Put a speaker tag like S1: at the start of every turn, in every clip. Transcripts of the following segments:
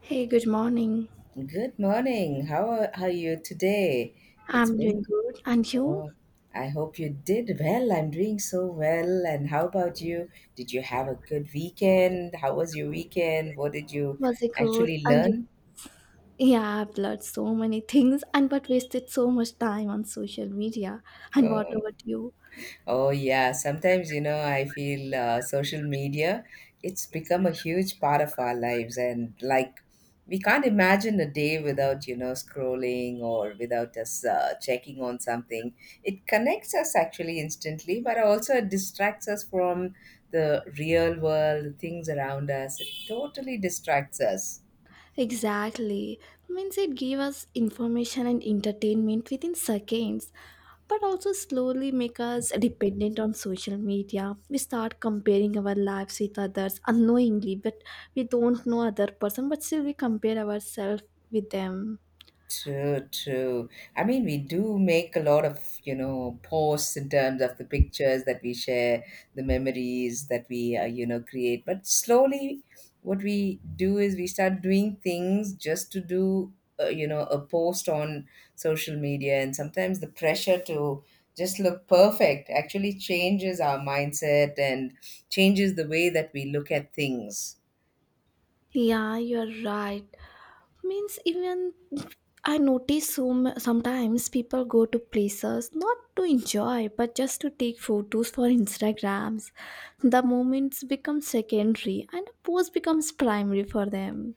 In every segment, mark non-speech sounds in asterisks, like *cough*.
S1: Hey, good morning.
S2: Good morning. How are you today? It's
S1: I'm doing
S2: been,
S1: good. And you?
S2: oh, I hope you did well. I'm doing so well. And how about you? Did you have a good weekend? How was your weekend? What did you
S1: Was it good?
S2: actually
S1: And you?
S2: learn?
S1: Yeah, I've learned so many things and but wasted so much time on social media. And what
S2: Oh,
S1: about you?
S2: Oh yeah, sometimes I feel social media it's become a huge part of our lives, and like we can't imagine a day without scrolling or without us checking on something. It connects us actually instantly, but also it distracts us from the real world, the things around us. It totally distracts us.
S1: Exactly. Means it gave us information and entertainment within seconds, but also slowly make us dependent on social media. We start comparing our lives with others unknowingly, but we don't know other person, but still we compare ourselves with them.
S2: True, true. I mean, we do make a lot of, posts in terms of the pictures that we share, the memories that we, create. But slowly, what we do is we start doing things just to do, a post on social media. And sometimes the pressure to just look perfect actually changes our mindset and changes the way that we look at things.
S1: Yeah, you're right. Means even I notice so sometimes people go to places not to enjoy but just to take photos for Instagrams. The moments become secondary and a post becomes primary for them.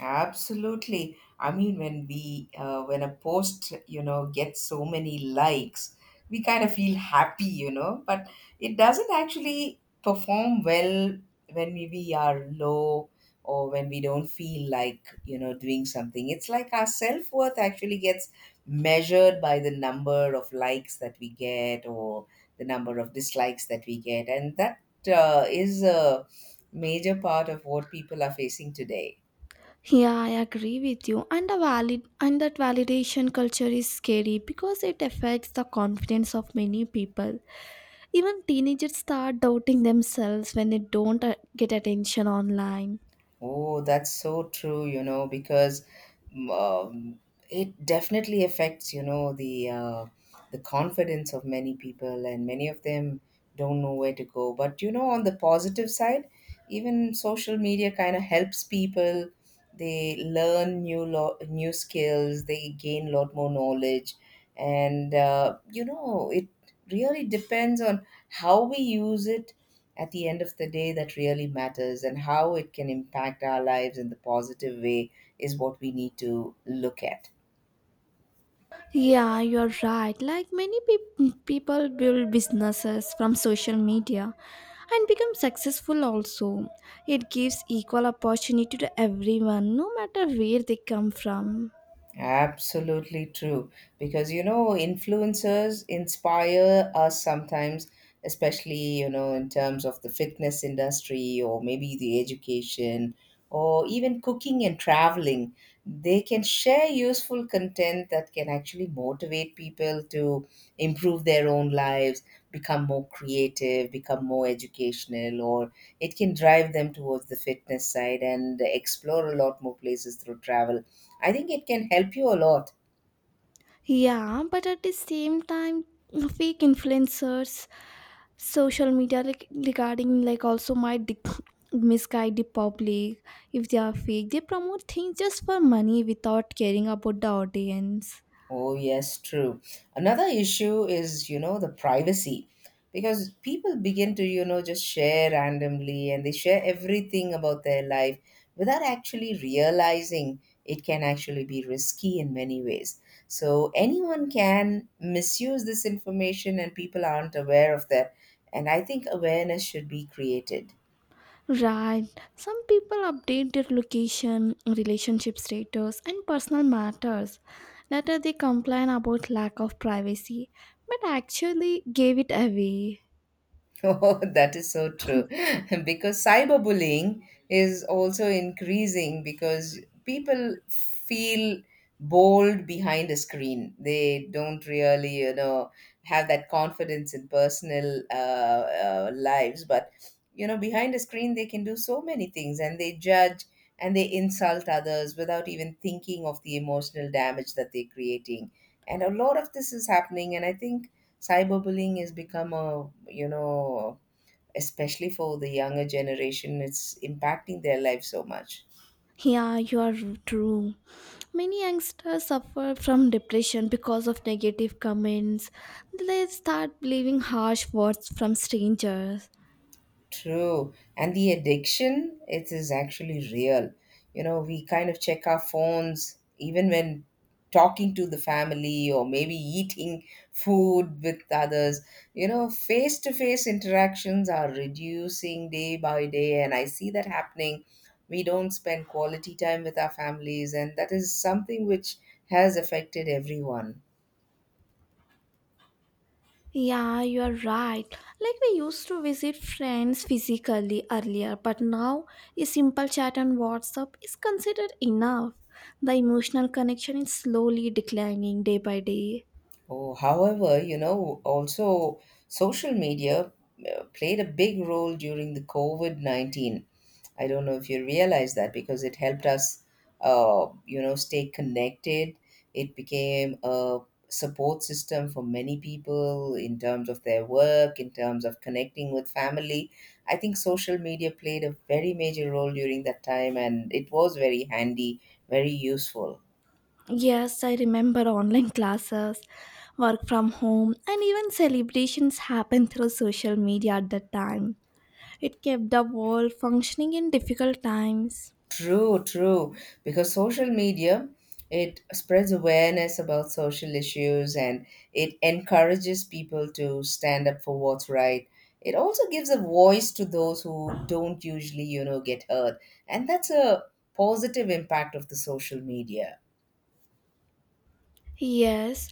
S2: Absolutely. I mean, when we when a post gets so many likes, we kind of feel happy, but it doesn't actually perform well when we are low or when we don't feel like doing something. It's like our self worth actually gets measured by the number of likes that we get or the number of dislikes that we get, and that is a major part of what people are facing today.
S1: Yeah, I agree with you. And the valid and that validation culture is scary because it affects the confidence of many people. Even teenagers start doubting themselves when they don't get attention online.
S2: Oh, that's so true, because mm, um, it definitely affects, the confidence of many people, and many of them don't know where to go. But you know, on the positive side, even social media kind of helps people. They learn new skills. They gain a lot more knowledge, and it really depends on how we use it. At the end of the day, that really matters, and how it can impact our lives in the positive way is what we need to look at.
S1: Yeah, you're right. Like many people build businesses from social media and become successful also. It gives equal opportunity to everyone, no matter where they come from.
S2: Absolutely true. Because, you know, influencers inspire us sometimes, especially, you know, in terms of the fitness industry or maybe the education or even cooking and traveling. They can share useful content that can actually motivate people to improve their own lives, become more creative, become more educational, or it can drive them towards the fitness side and explore a lot more places through travel. I think it can help you a lot.
S1: Yeah, but at the same time, fake influencers, social media like, regarding like also might misguide the public. If they are fake, they promote things just for money without caring about the audience.
S2: Oh, yes, true. Another issue is, you know, the privacy, because people begin to, you know, just share randomly and they share everything about their life without actually realizing it can actually be risky in many ways. So anyone can misuse this information and people aren't aware of that. And I think awareness should be created.
S1: Right. Some people update their location, relationship status, and personal matters. Later, they complain about lack of privacy, but actually gave it away.
S2: Oh, *laughs* that is so true. *laughs* Because cyberbullying is also increasing because people feel bold behind a screen. They don't really, you know, have that confidence in personal lives. But, you know, behind a screen, they can do so many things and they judge and they insult others without even thinking of the emotional damage that they're creating. And a lot of this is happening. And I think cyberbullying has become a, you know, especially for the younger generation, it's impacting their life so much.
S1: Yeah, you are true. Many youngsters suffer from depression because of negative comments. They start believing harsh words from strangers.
S2: True. And the addiction, it is actually real. You know, we kind of check our phones even when talking to the family or maybe eating food with others. You know, face to face interactions are reducing day by day, and I see that happening. We don't spend quality time with our families, and that is something which has affected everyone.
S1: Yeah, you are right. Like we used to visit friends physically earlier, but now a simple chat on WhatsApp is considered enough. The emotional connection is slowly declining day by day.
S2: Oh, however, you know, also social media played a big role during the COVID 19. I don't know if you realize that, because it helped us, stay connected. It became a support system for many people in terms of their work, in terms of connecting with family. I think social media played a very major role during that time, and it was very handy, very useful.
S1: Yes, I remember online classes, work from home, and even celebrations happened through social media at that time. It kept the world functioning in difficult times.
S2: True, true. Because social media, it spreads awareness about social issues and it encourages people to stand up for what's right. It also gives a voice to those who don't usually, get heard. And that's a positive impact of the social media.
S1: Yes,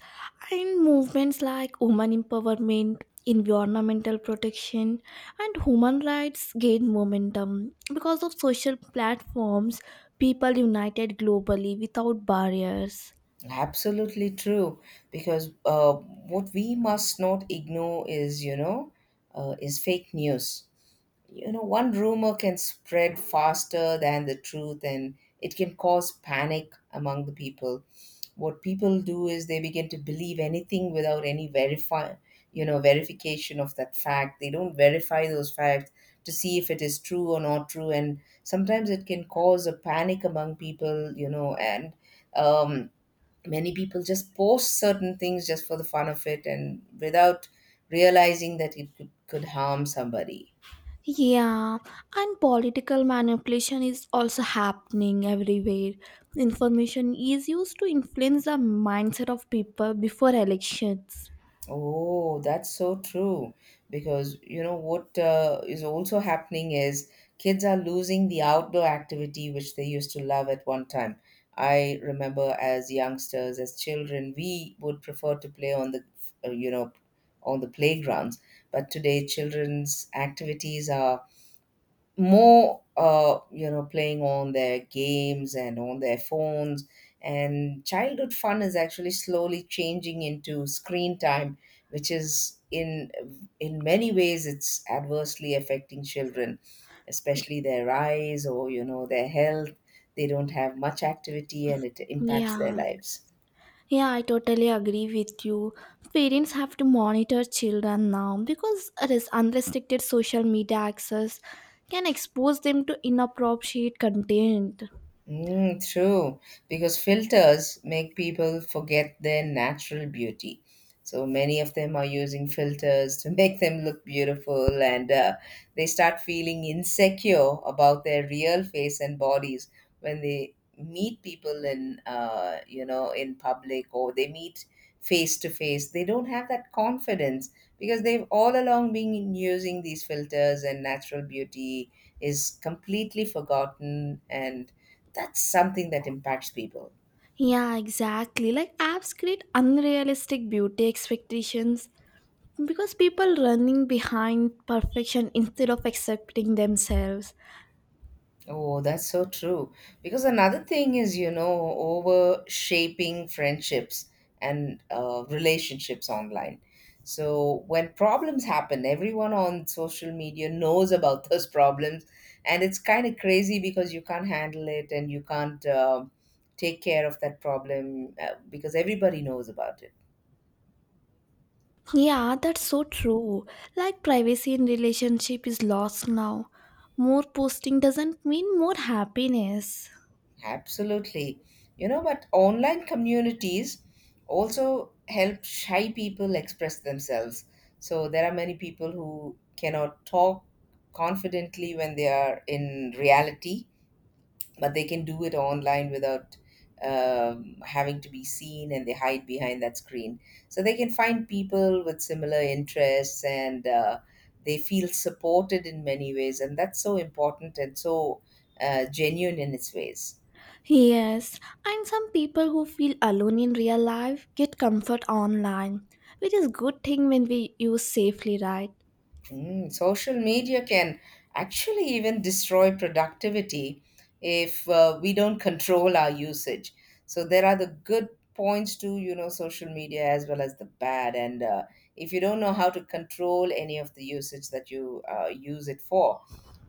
S1: and movements like women empowerment, environmental protection, and human rights gained momentum because of social platforms. People united globally without barriers.
S2: Absolutely true. Because what we must not ignore is, you know, is fake news. You know, one rumor can spread faster than the truth, and it can cause panic among the people. What people do is they begin to believe anything without any verify, verification of that fact. They don't verify those facts to see if it is true or not true, and sometimes it can cause a panic among people, you know. And um many people just post certain things just for the fun of it and without realizing that it could harm somebody.
S1: Yeah, and political manipulation is also happening everywhere. Information is used to influence the mindset of people before elections.
S2: Oh, that's so true. Because you know what is also happening is kids are losing the outdoor activity which they used to love at one time. I remember as youngsters, as children, we would prefer to play on the uh, you know on the playgrounds. But today, children's activities are more playing on their games and on their phones, and childhood fun is actually slowly changing into screen time, which is in many ways, it's adversely affecting children, especially their eyes or, you know, their health. They don't have much activity and it impacts their
S1: Yeah.
S2: lives.
S1: Yeah, I totally agree with you. Parents have to monitor children now because it is unrestricted social media access can expose them to inappropriate content.
S2: Mm, true, because filters make people forget their natural beauty. So many of them are using filters to *laughs* make them look beautiful, and they start feeling insecure about their real face and bodies when they meet people in, in public, or they meet face to face. They don't have that confidence because they've all along been using these filters, and natural beauty is completely forgotten, and that's something that impacts people.
S1: Yeah, exactly. Like apps create unrealistic beauty expectations because people running behind perfection instead of accepting themselves.
S2: Oh, that's so true, because another thing is, you know, over shaping friendships and relationships online. So when problems happen, everyone on social media knows about *laughs* those problems, and it's kind of crazy because you can't handle it and you can't, take care of that problem because everybody knows about it.
S1: Yeah, that's so true. Like privacy in relationship is lost now. More posting doesn't mean more happiness.
S2: Absolutely. You know, but online communities also help shy people express themselves. So there are many people who cannot talk confidently when they are in reality, but they can do it online without having to be seen, and they hide behind that screen. So they can find people with similar interests, and they feel supported in many ways. And that's so important and so genuine in its ways.
S1: Yes, and some people who feel alone in real life get comfort online, which is good thing when we use safely, right?
S2: Mm, social media can actually even destroy productivity if we don't control our usage. So there are the good points to, you know, social media as well as the bad, and if you don't know how to control any of the usage that you use it for,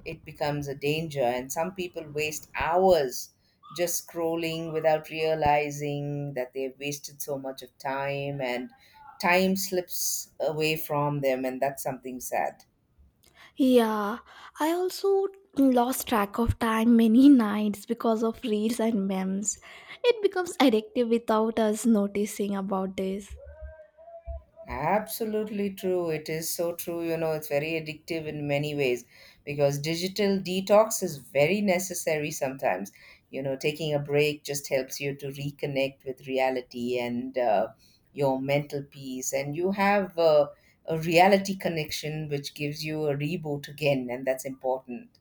S2: it becomes a danger. And some people waste hours just scrolling without realizing that they've wasted so much of time, and time slips away from them, and that's something sad.
S1: Yeah, I also lost track of time many *laughs* nights because of reels and memes. It becomes addictive without us noticing about this.
S2: Absolutely true. It is so true. You know, it's very addictive in many ways because digital detox is very necessary sometimes. You know, taking a break just helps you to reconnect with reality and your mental peace. And you have a reality connection which gives you a reboot again, and that's important.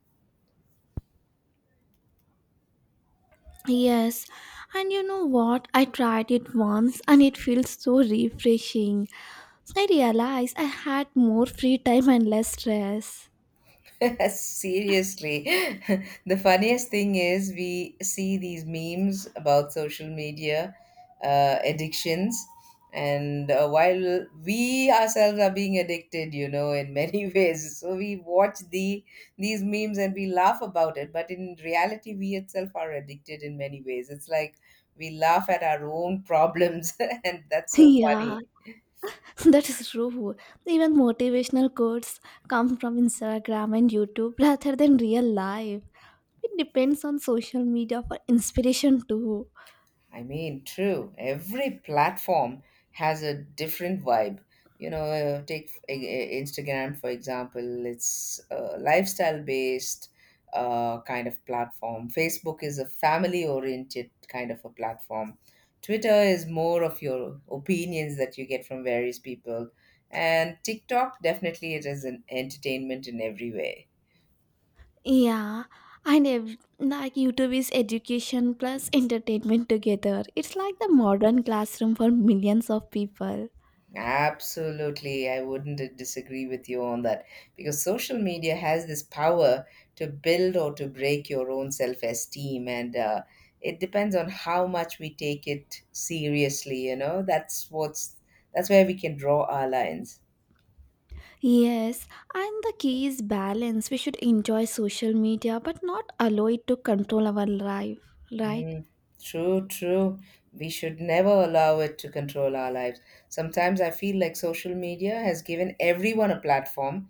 S1: Yes, and you know what? I tried it once and it feels so refreshing. I realized I had more free time and less stress.
S2: *laughs* Seriously. *laughs* The funniest thing is we see these memes about social media addictions. And while we ourselves are being addicted, you know, in many *laughs* ways, so we watch these memes and we laugh about it. But in reality, we itself are addicted in many ways. It's like we laugh at our own problems, *laughs* and that's
S1: *laughs*
S2: so
S1: Yeah.
S2: funny.
S1: *laughs* That is true. Even motivational quotes come from Instagram and YouTube rather than real life. It depends on social media for inspiration too.
S2: I mean, true. Every platform has a different vibe. You know, take Instagram for example. It's a lifestyle-based kind of platform. Facebook is a family-oriented kind of a platform. Twitter is more of your opinions that you get from various people, and TikTok, definitely, it is an entertainment in every way.
S1: Yeah, and like YouTube is education plus entertainment together. It's like the modern classroom for millions of people.
S2: Absolutely, I wouldn't disagree with you on that, because social media has this power to build or to break your own self esteem, and it depends on how much we take it seriously. You know, that's where we can draw our lines.
S1: Yes, and the key is balance. We should enjoy social media but not allow it to control our life, right?
S2: Mm, true, true. We should never allow it to control our lives. Sometimes I feel like social media has given everyone a platform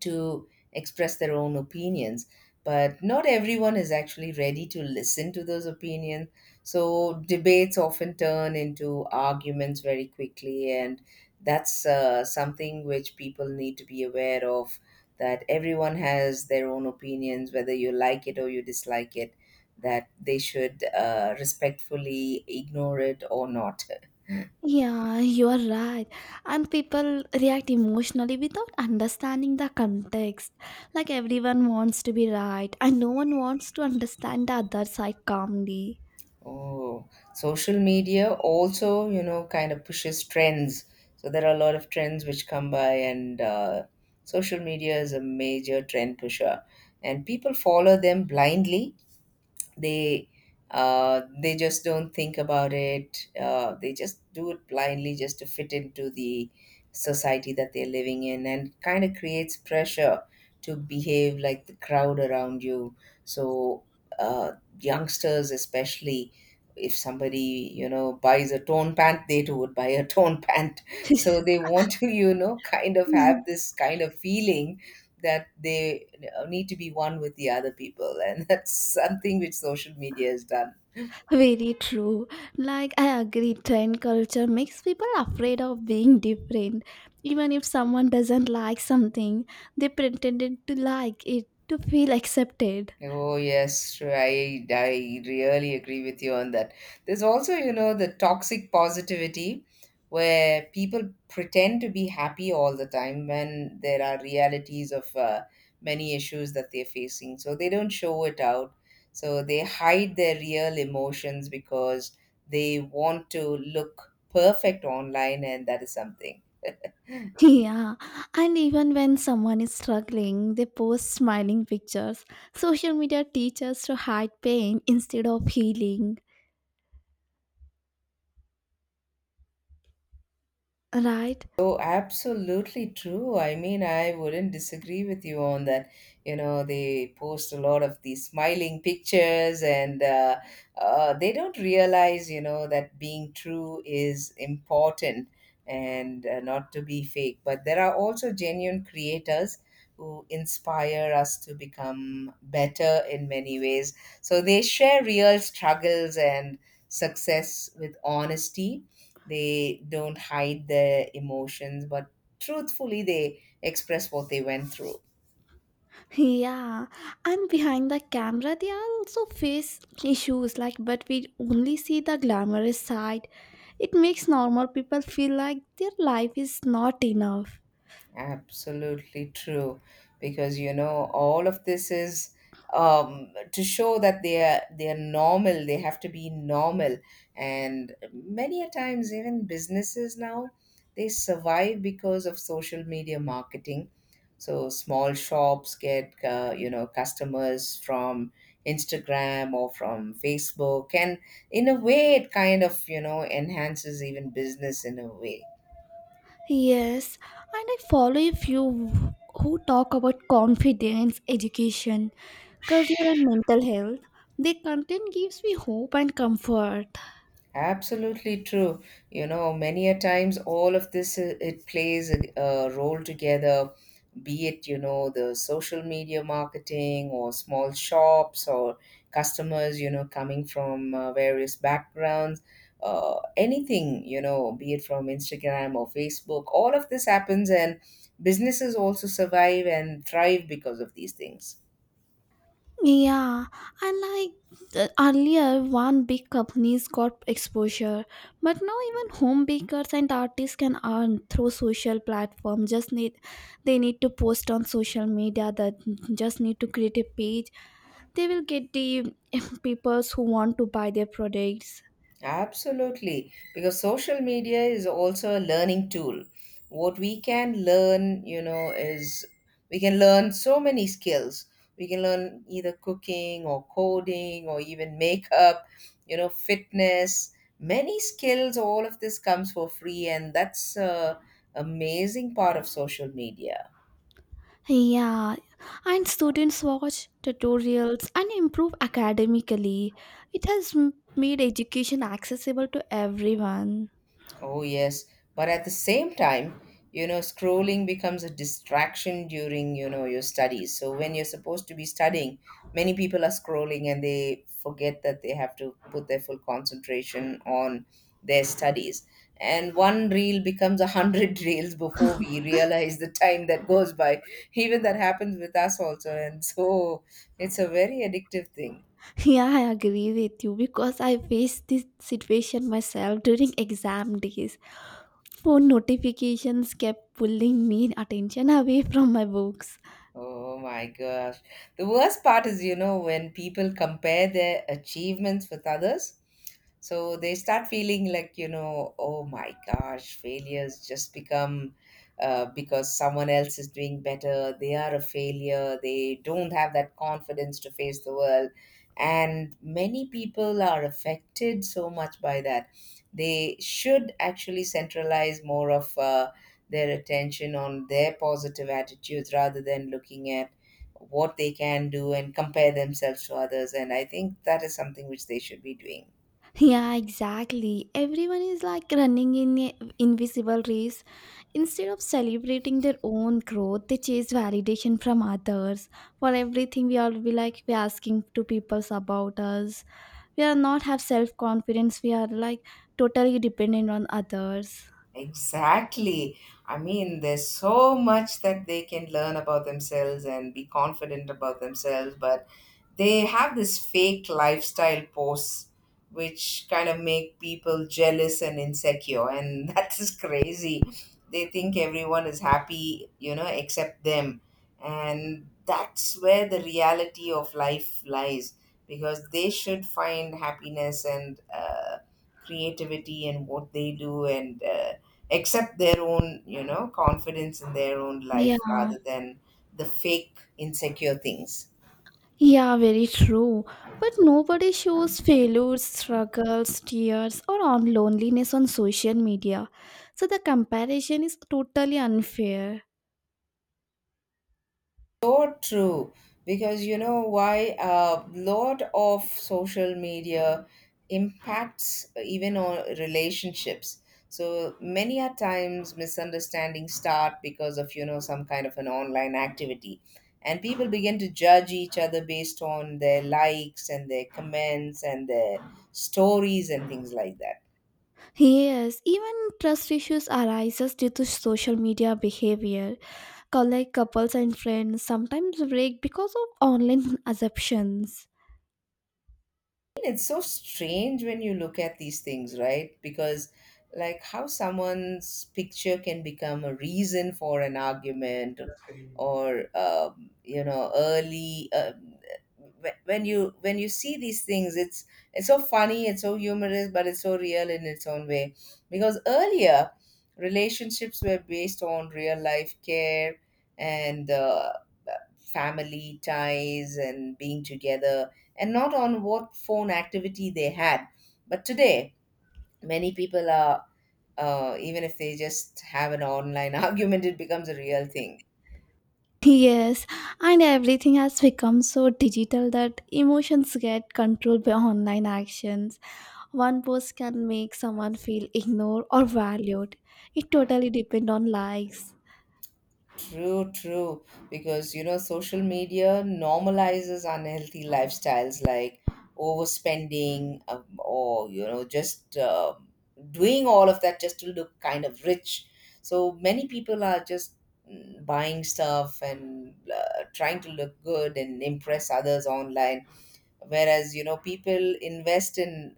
S2: to express their own opinions, but not everyone is actually ready to listen to those opinions, so debates often turn into arguments very quickly. And that's something which people need to be aware of, that everyone has their own opinions, whether you like it or you dislike it, that they should respectfully ignore it or not.
S1: Yeah, you are right. And people react emotionally without understanding the context. Like everyone wants to be right, and no one wants to understand the other side calmly.
S2: Oh, social media also, you know, kind of pushes trends. So there are a lot of trends which come by, and social media is a major trend pusher. And people follow them blindly, they they just don't think about it. They just do it blindly just to fit into the society that they're living in, and kind of creates pressure to behave like the crowd around you. So uh, youngsters, especially, if somebody you know buys a torn pant, they too would buy a torn *laughs* pant. So
S1: *laughs*
S2: they want to, you know, kind of have this kind of feeling that they need to be one with the other people, and *laughs* that's something which social media has done.
S1: Very true. Like, I agree, trend culture makes people afraid of being different. Even if someone doesn't like something, they pretended to like it to feel accepted.
S2: Oh yes, sure. I really agree with you on that. There's also, you know, the toxic positivity, where people pretend to be happy all the time when there are realities of many issues that they're facing, so they don't show it out. So they hide their real emotions because they want to look perfect online, and that is something.
S1: *laughs* Yeah, and even when someone is struggling, they post smiling pictures. Social media teaches to hide pain instead of healing, right?
S2: Oh, absolutely true. I mean, I wouldn't disagree with you on that. You know, they post a lot of these smiling pictures, and they don't realize, you know, that being true is important and not to be fake. But there are also genuine creators who inspire us to become better in many ways. So they share real struggles and success with honesty. They don't hide their emotions, but truthfully they express what they went through.
S1: Yeah, and behind the camera, they also face issues like, but we only see the glamorous side. It makes normal people feel like their life is not enough.
S2: Absolutely true, because, you know, all of this is, to show that they are normal. They have to be normal, and many a times even businesses now, they survive because of social media marketing. So small shops get, you know, customers from Instagram or from Facebook, and in a way it kind of, you know, enhances even business in a way.
S1: Yes, and I follow a few who talk about confidence, education, career, and mental health. Their content gives me hope and comfort.
S2: Absolutely true. You know, many a times all of this, it plays a role together, be it, you know, the social media marketing or small shops or customers, you know, coming from various backgrounds, anything, you know, be it from Instagram or Facebook. All of this happens, and businesses also survive and thrive because of these things.
S1: Yeah, and like earlier, one big companies got exposure, but now even home bakers and artists can earn through social platform. Just need they need to post on social media. That just need to create a page. They will get the *laughs* people who want to buy their products.
S2: Absolutely, because social media is also a learning tool. What we can learn, you know, is we can learn so many skills. We can learn either cooking or coding or even makeup, you know, fitness, many skills. All of this comes for free, and that's a amazing part of social media.
S1: Yeah, and students watch tutorials and improve academically. It has made education accessible to everyone.
S2: Oh, yes. But at the same time, you know, scrolling becomes a distraction during, you know, your studies. So when you're supposed to be studying, many people are scrolling and they forget that they have to put their full concentration on their studies. And one reel becomes a hundred *laughs* reels before we realize the time that goes by. Even that happens with us also. And so it's a very addictive thing.
S1: *laughs* Yeah, I agree with you because I faced this situation myself during exam days. Phone notifications kept pulling me attention away from my books.
S2: Oh my gosh. The worst part is, you know, when people compare their achievements with others. So they start feeling like, you know, oh my gosh, failures just become, because someone else is doing better, they are a failure. They don't have that confidence to face the world. And many people are affected so much by that. They should actually centralize more of their attention on their positive attitudes rather than looking at what they can do and compare themselves to others. And I think that is something which they should be doing.
S1: Yeah, exactly. Everyone is like running in a invisible race. Instead of celebrating their own growth, they chase validation from others. For everything, we all be like we asking to people about us. We are not have self confidence. We are like totally dependent on others.
S2: Exactly. I mean, there's so much that they can learn about themselves and be confident about themselves, but they have this fake lifestyle pose which kind of make people jealous and insecure, and *laughs* that is crazy. They think everyone is happy, you know, except them, and that's where the reality of life lies, because they should find happiness and creativity in what they do, and accept their own, you know, confidence in their own life
S1: Yeah,
S2: rather than the fake insecure things.
S1: yeah, very true. But nobody shows failures, struggles, tears, or on loneliness on social media. So the comparison is totally unfair.
S2: So true, because, you know, why? A lot of social media impacts even on relationships. So many a times misunderstandings start because of, you know, some kind of an online activity, and people begin to judge each other based on their likes and their comments and their stories and things like that.
S1: Yes, even trust issues arises due to social media behavior. Like couples and friends sometimes break because of online *laughs* assumptions.
S2: It's so strange when you look at these things, right? Because, like, how someone's picture can become a reason for an argument or, you know, early. When you see these things, it's so funny, it's so humorous, but it's so real in its own way, because earlier, relationships were based on real life care and family ties and being together, and not on what phone activity they had. But today, many people are, even if they just have an online *laughs* argument, it becomes a real thing.
S1: Yes, and everything has become so digital that emotions get controlled by online actions. One post can make someone feel ignored or valued. It totally depends on likes.
S2: True, true. Because, you know, social media normalizes unhealthy lifestyles like overspending, or, you know, just doing all of that just to look kind of rich. So many people are just buying stuff and trying to look good and impress others online, whereas, you know, people invest in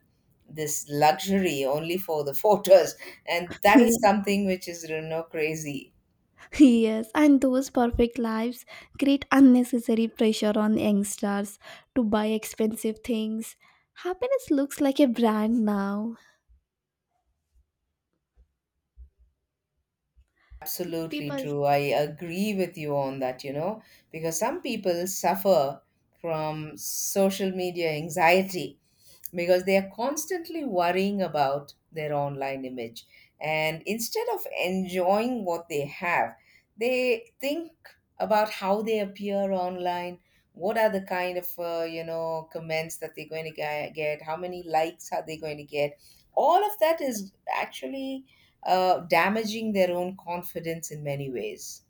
S2: this luxury only for the *laughs* photos, and that is
S1: *laughs*
S2: something which is, you know, crazy.
S1: Yes, and those perfect lives create unnecessary pressure on youngsters to buy expensive things. Happiness looks like a brand now.
S2: Absolutely
S1: People
S2: true. I agree with you on that, you know, because some people suffer from social media anxiety because they are constantly worrying about their online image. And instead of enjoying what they have, they think about how they appear online, what are the kind of, you know, comments that they're going to get, how many likes are they going to get. All of that is actually damaging their own confidence in many ways.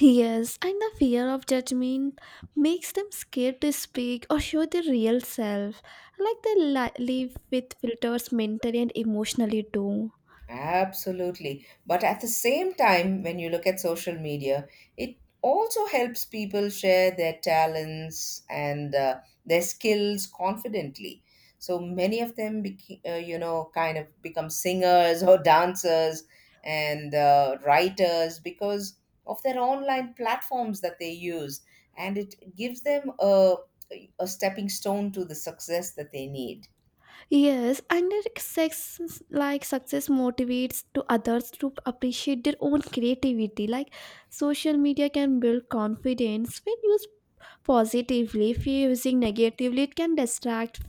S1: Yes, and the fear of judgment makes them scared to speak or show their real self, like they live with filters mentally and emotionally too.
S2: Absolutely. But at the same time, when you look at social media, it also helps people share their talents and their skills confidently. So many of them, you know, kind of become singers or dancers and writers because of their online platforms that they use. And it gives them a stepping stone to the success that they need.
S1: Yes, and their sex like success motivates to others to appreciate their own creativity. Like social media can build confidence when used positively. If you're using negatively, it can distract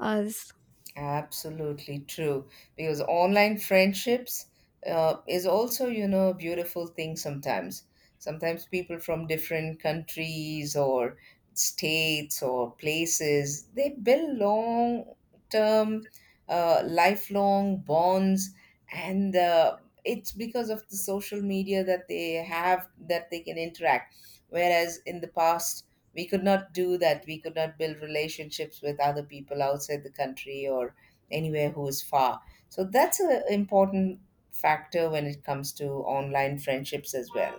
S1: us.
S2: Absolutely true. Because online friendships, is also, you know, a beautiful thing sometimes. Sometimes people from different countries or states or places, they build long term, lifelong bonds. And it's because of the social media that they have that they can interact. Whereas in the past, we could not do that. We could not build relationships with other people outside the country or anywhere who is far. So that's an important factor when it comes to online friendships as well.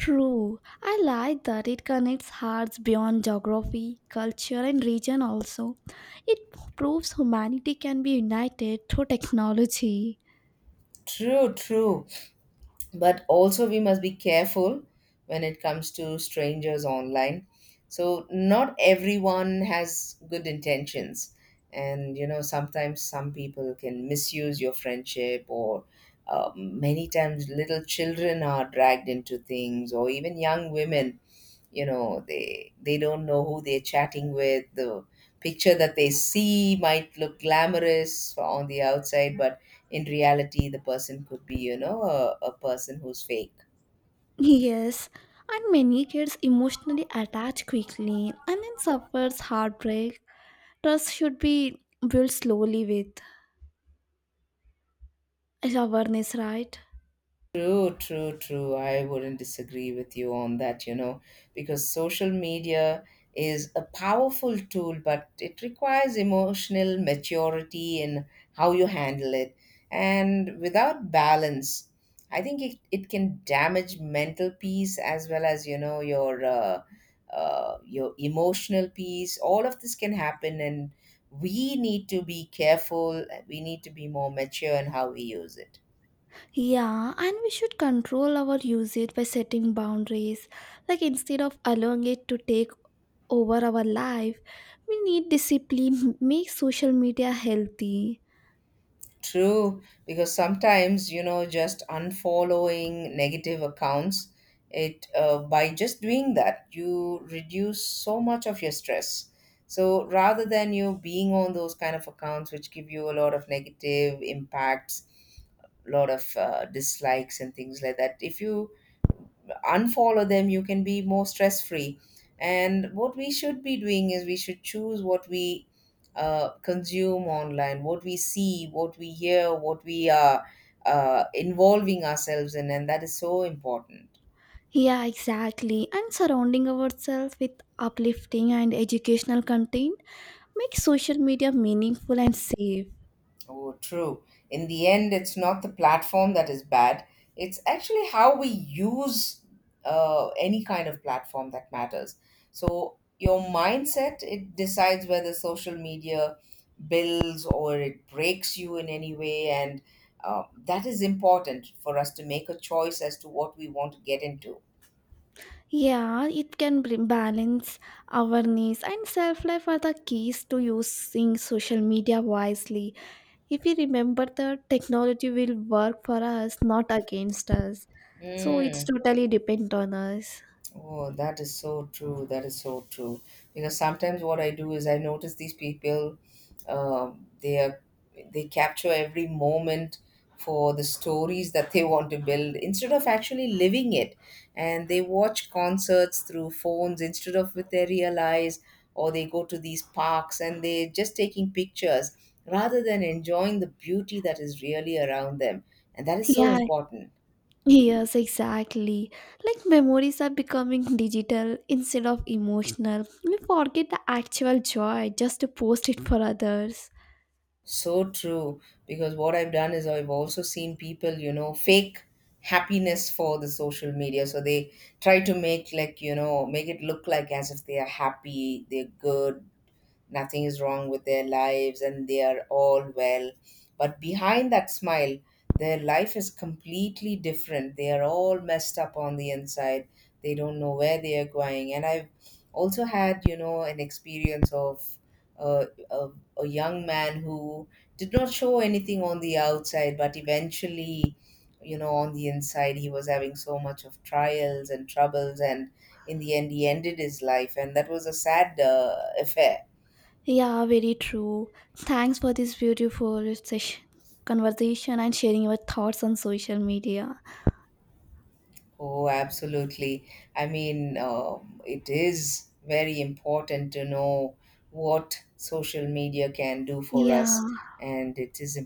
S1: True. I like that it connects hearts beyond geography, culture and region also. It proves humanity can be united through technology.
S2: True, true. But also we must be careful when it comes to strangers online. So not everyone has good intentions, and, you know, sometimes some people can misuse your friendship. Or many times little children are dragged into things, or even young women, you know, they don't know who they're chatting with. The picture that they see might look glamorous on the outside, but in reality the person could be, you know, a person who's fake.
S1: Yes, and many kids emotionally attach quickly and then suffers heartbreak. Trust should be built slowly with awareness, right?
S2: True, true, true. I wouldn't disagree with you on that, you know, because social media is a powerful tool, but it requires emotional maturity in how you handle it. And without balance, I think it can damage mental peace as well as, you know, your emotional peace. All of this can happen, and we need to be careful. We need to be more mature in how we use it.
S1: Yeah, and we should control our usage by setting boundaries. Like instead of allowing it to take over our life, we need discipline, make social media healthy.
S2: True, because sometimes, you know, just unfollowing negative accounts, it by just doing that, you reduce so much of your stress. So rather than you being on those kind of accounts which give you a lot of negative impacts, lot of dislikes and things like that, if you unfollow them, you can be more stress free. And what we should be doing is we should choose what we consume online, what we see, what we hear, what we are involving ourselves in, and that is so important.
S1: Yeah, exactly. And surrounding ourselves with uplifting and educational content Make social media meaningful and safe.
S2: Oh, true. In the end, it's not the platform that is bad. It's actually how we use any kind of platform that matters. So your mindset, it decides whether social media builds or it breaks you in any way. And that is important for us to make a choice as to what we want to get into.
S1: Yeah, it can bring balance, awareness, and self life are the keys to using social media wisely. If we remember that technology will work for us, not against us. So it's
S2: Mm.
S1: totally depend on us.
S2: Oh, that is so true. That is so true. Because sometimes what I do is I notice these people, they are, they capture every moment for the stories that they want to build instead of actually living it. And they watch concerts through phones instead of with their real eyes, or they go to these parks and they're just taking pictures rather than enjoying the beauty that is really around them. And that is so
S1: Yeah,
S2: important.
S1: yes, exactly. Like memories are becoming digital instead of emotional. We forget the actual joy just to post it for others.
S2: So true. Because what I've done is I've also seen people, you know, fake happiness for the social media. So they try to make like, you know, make it look like as if they are happy, they're good, nothing is wrong with their lives and they are all well. But behind that smile, their life is completely different. They are all messed up on the inside. They don't know where they are going. And I've also had, you know, an experience of uh, a, a young man who did not show anything on the outside, but eventually, you know, on the inside, he was having so much of trials and troubles. And in the end, he ended his life. And that was a sad affair.
S1: Yeah, very true. Thanks for this beautiful session, conversation and sharing your thoughts on social media.
S2: Oh, absolutely. I mean, um, it is very important to know what social media can do for
S1: Yeah.
S2: us, and it is.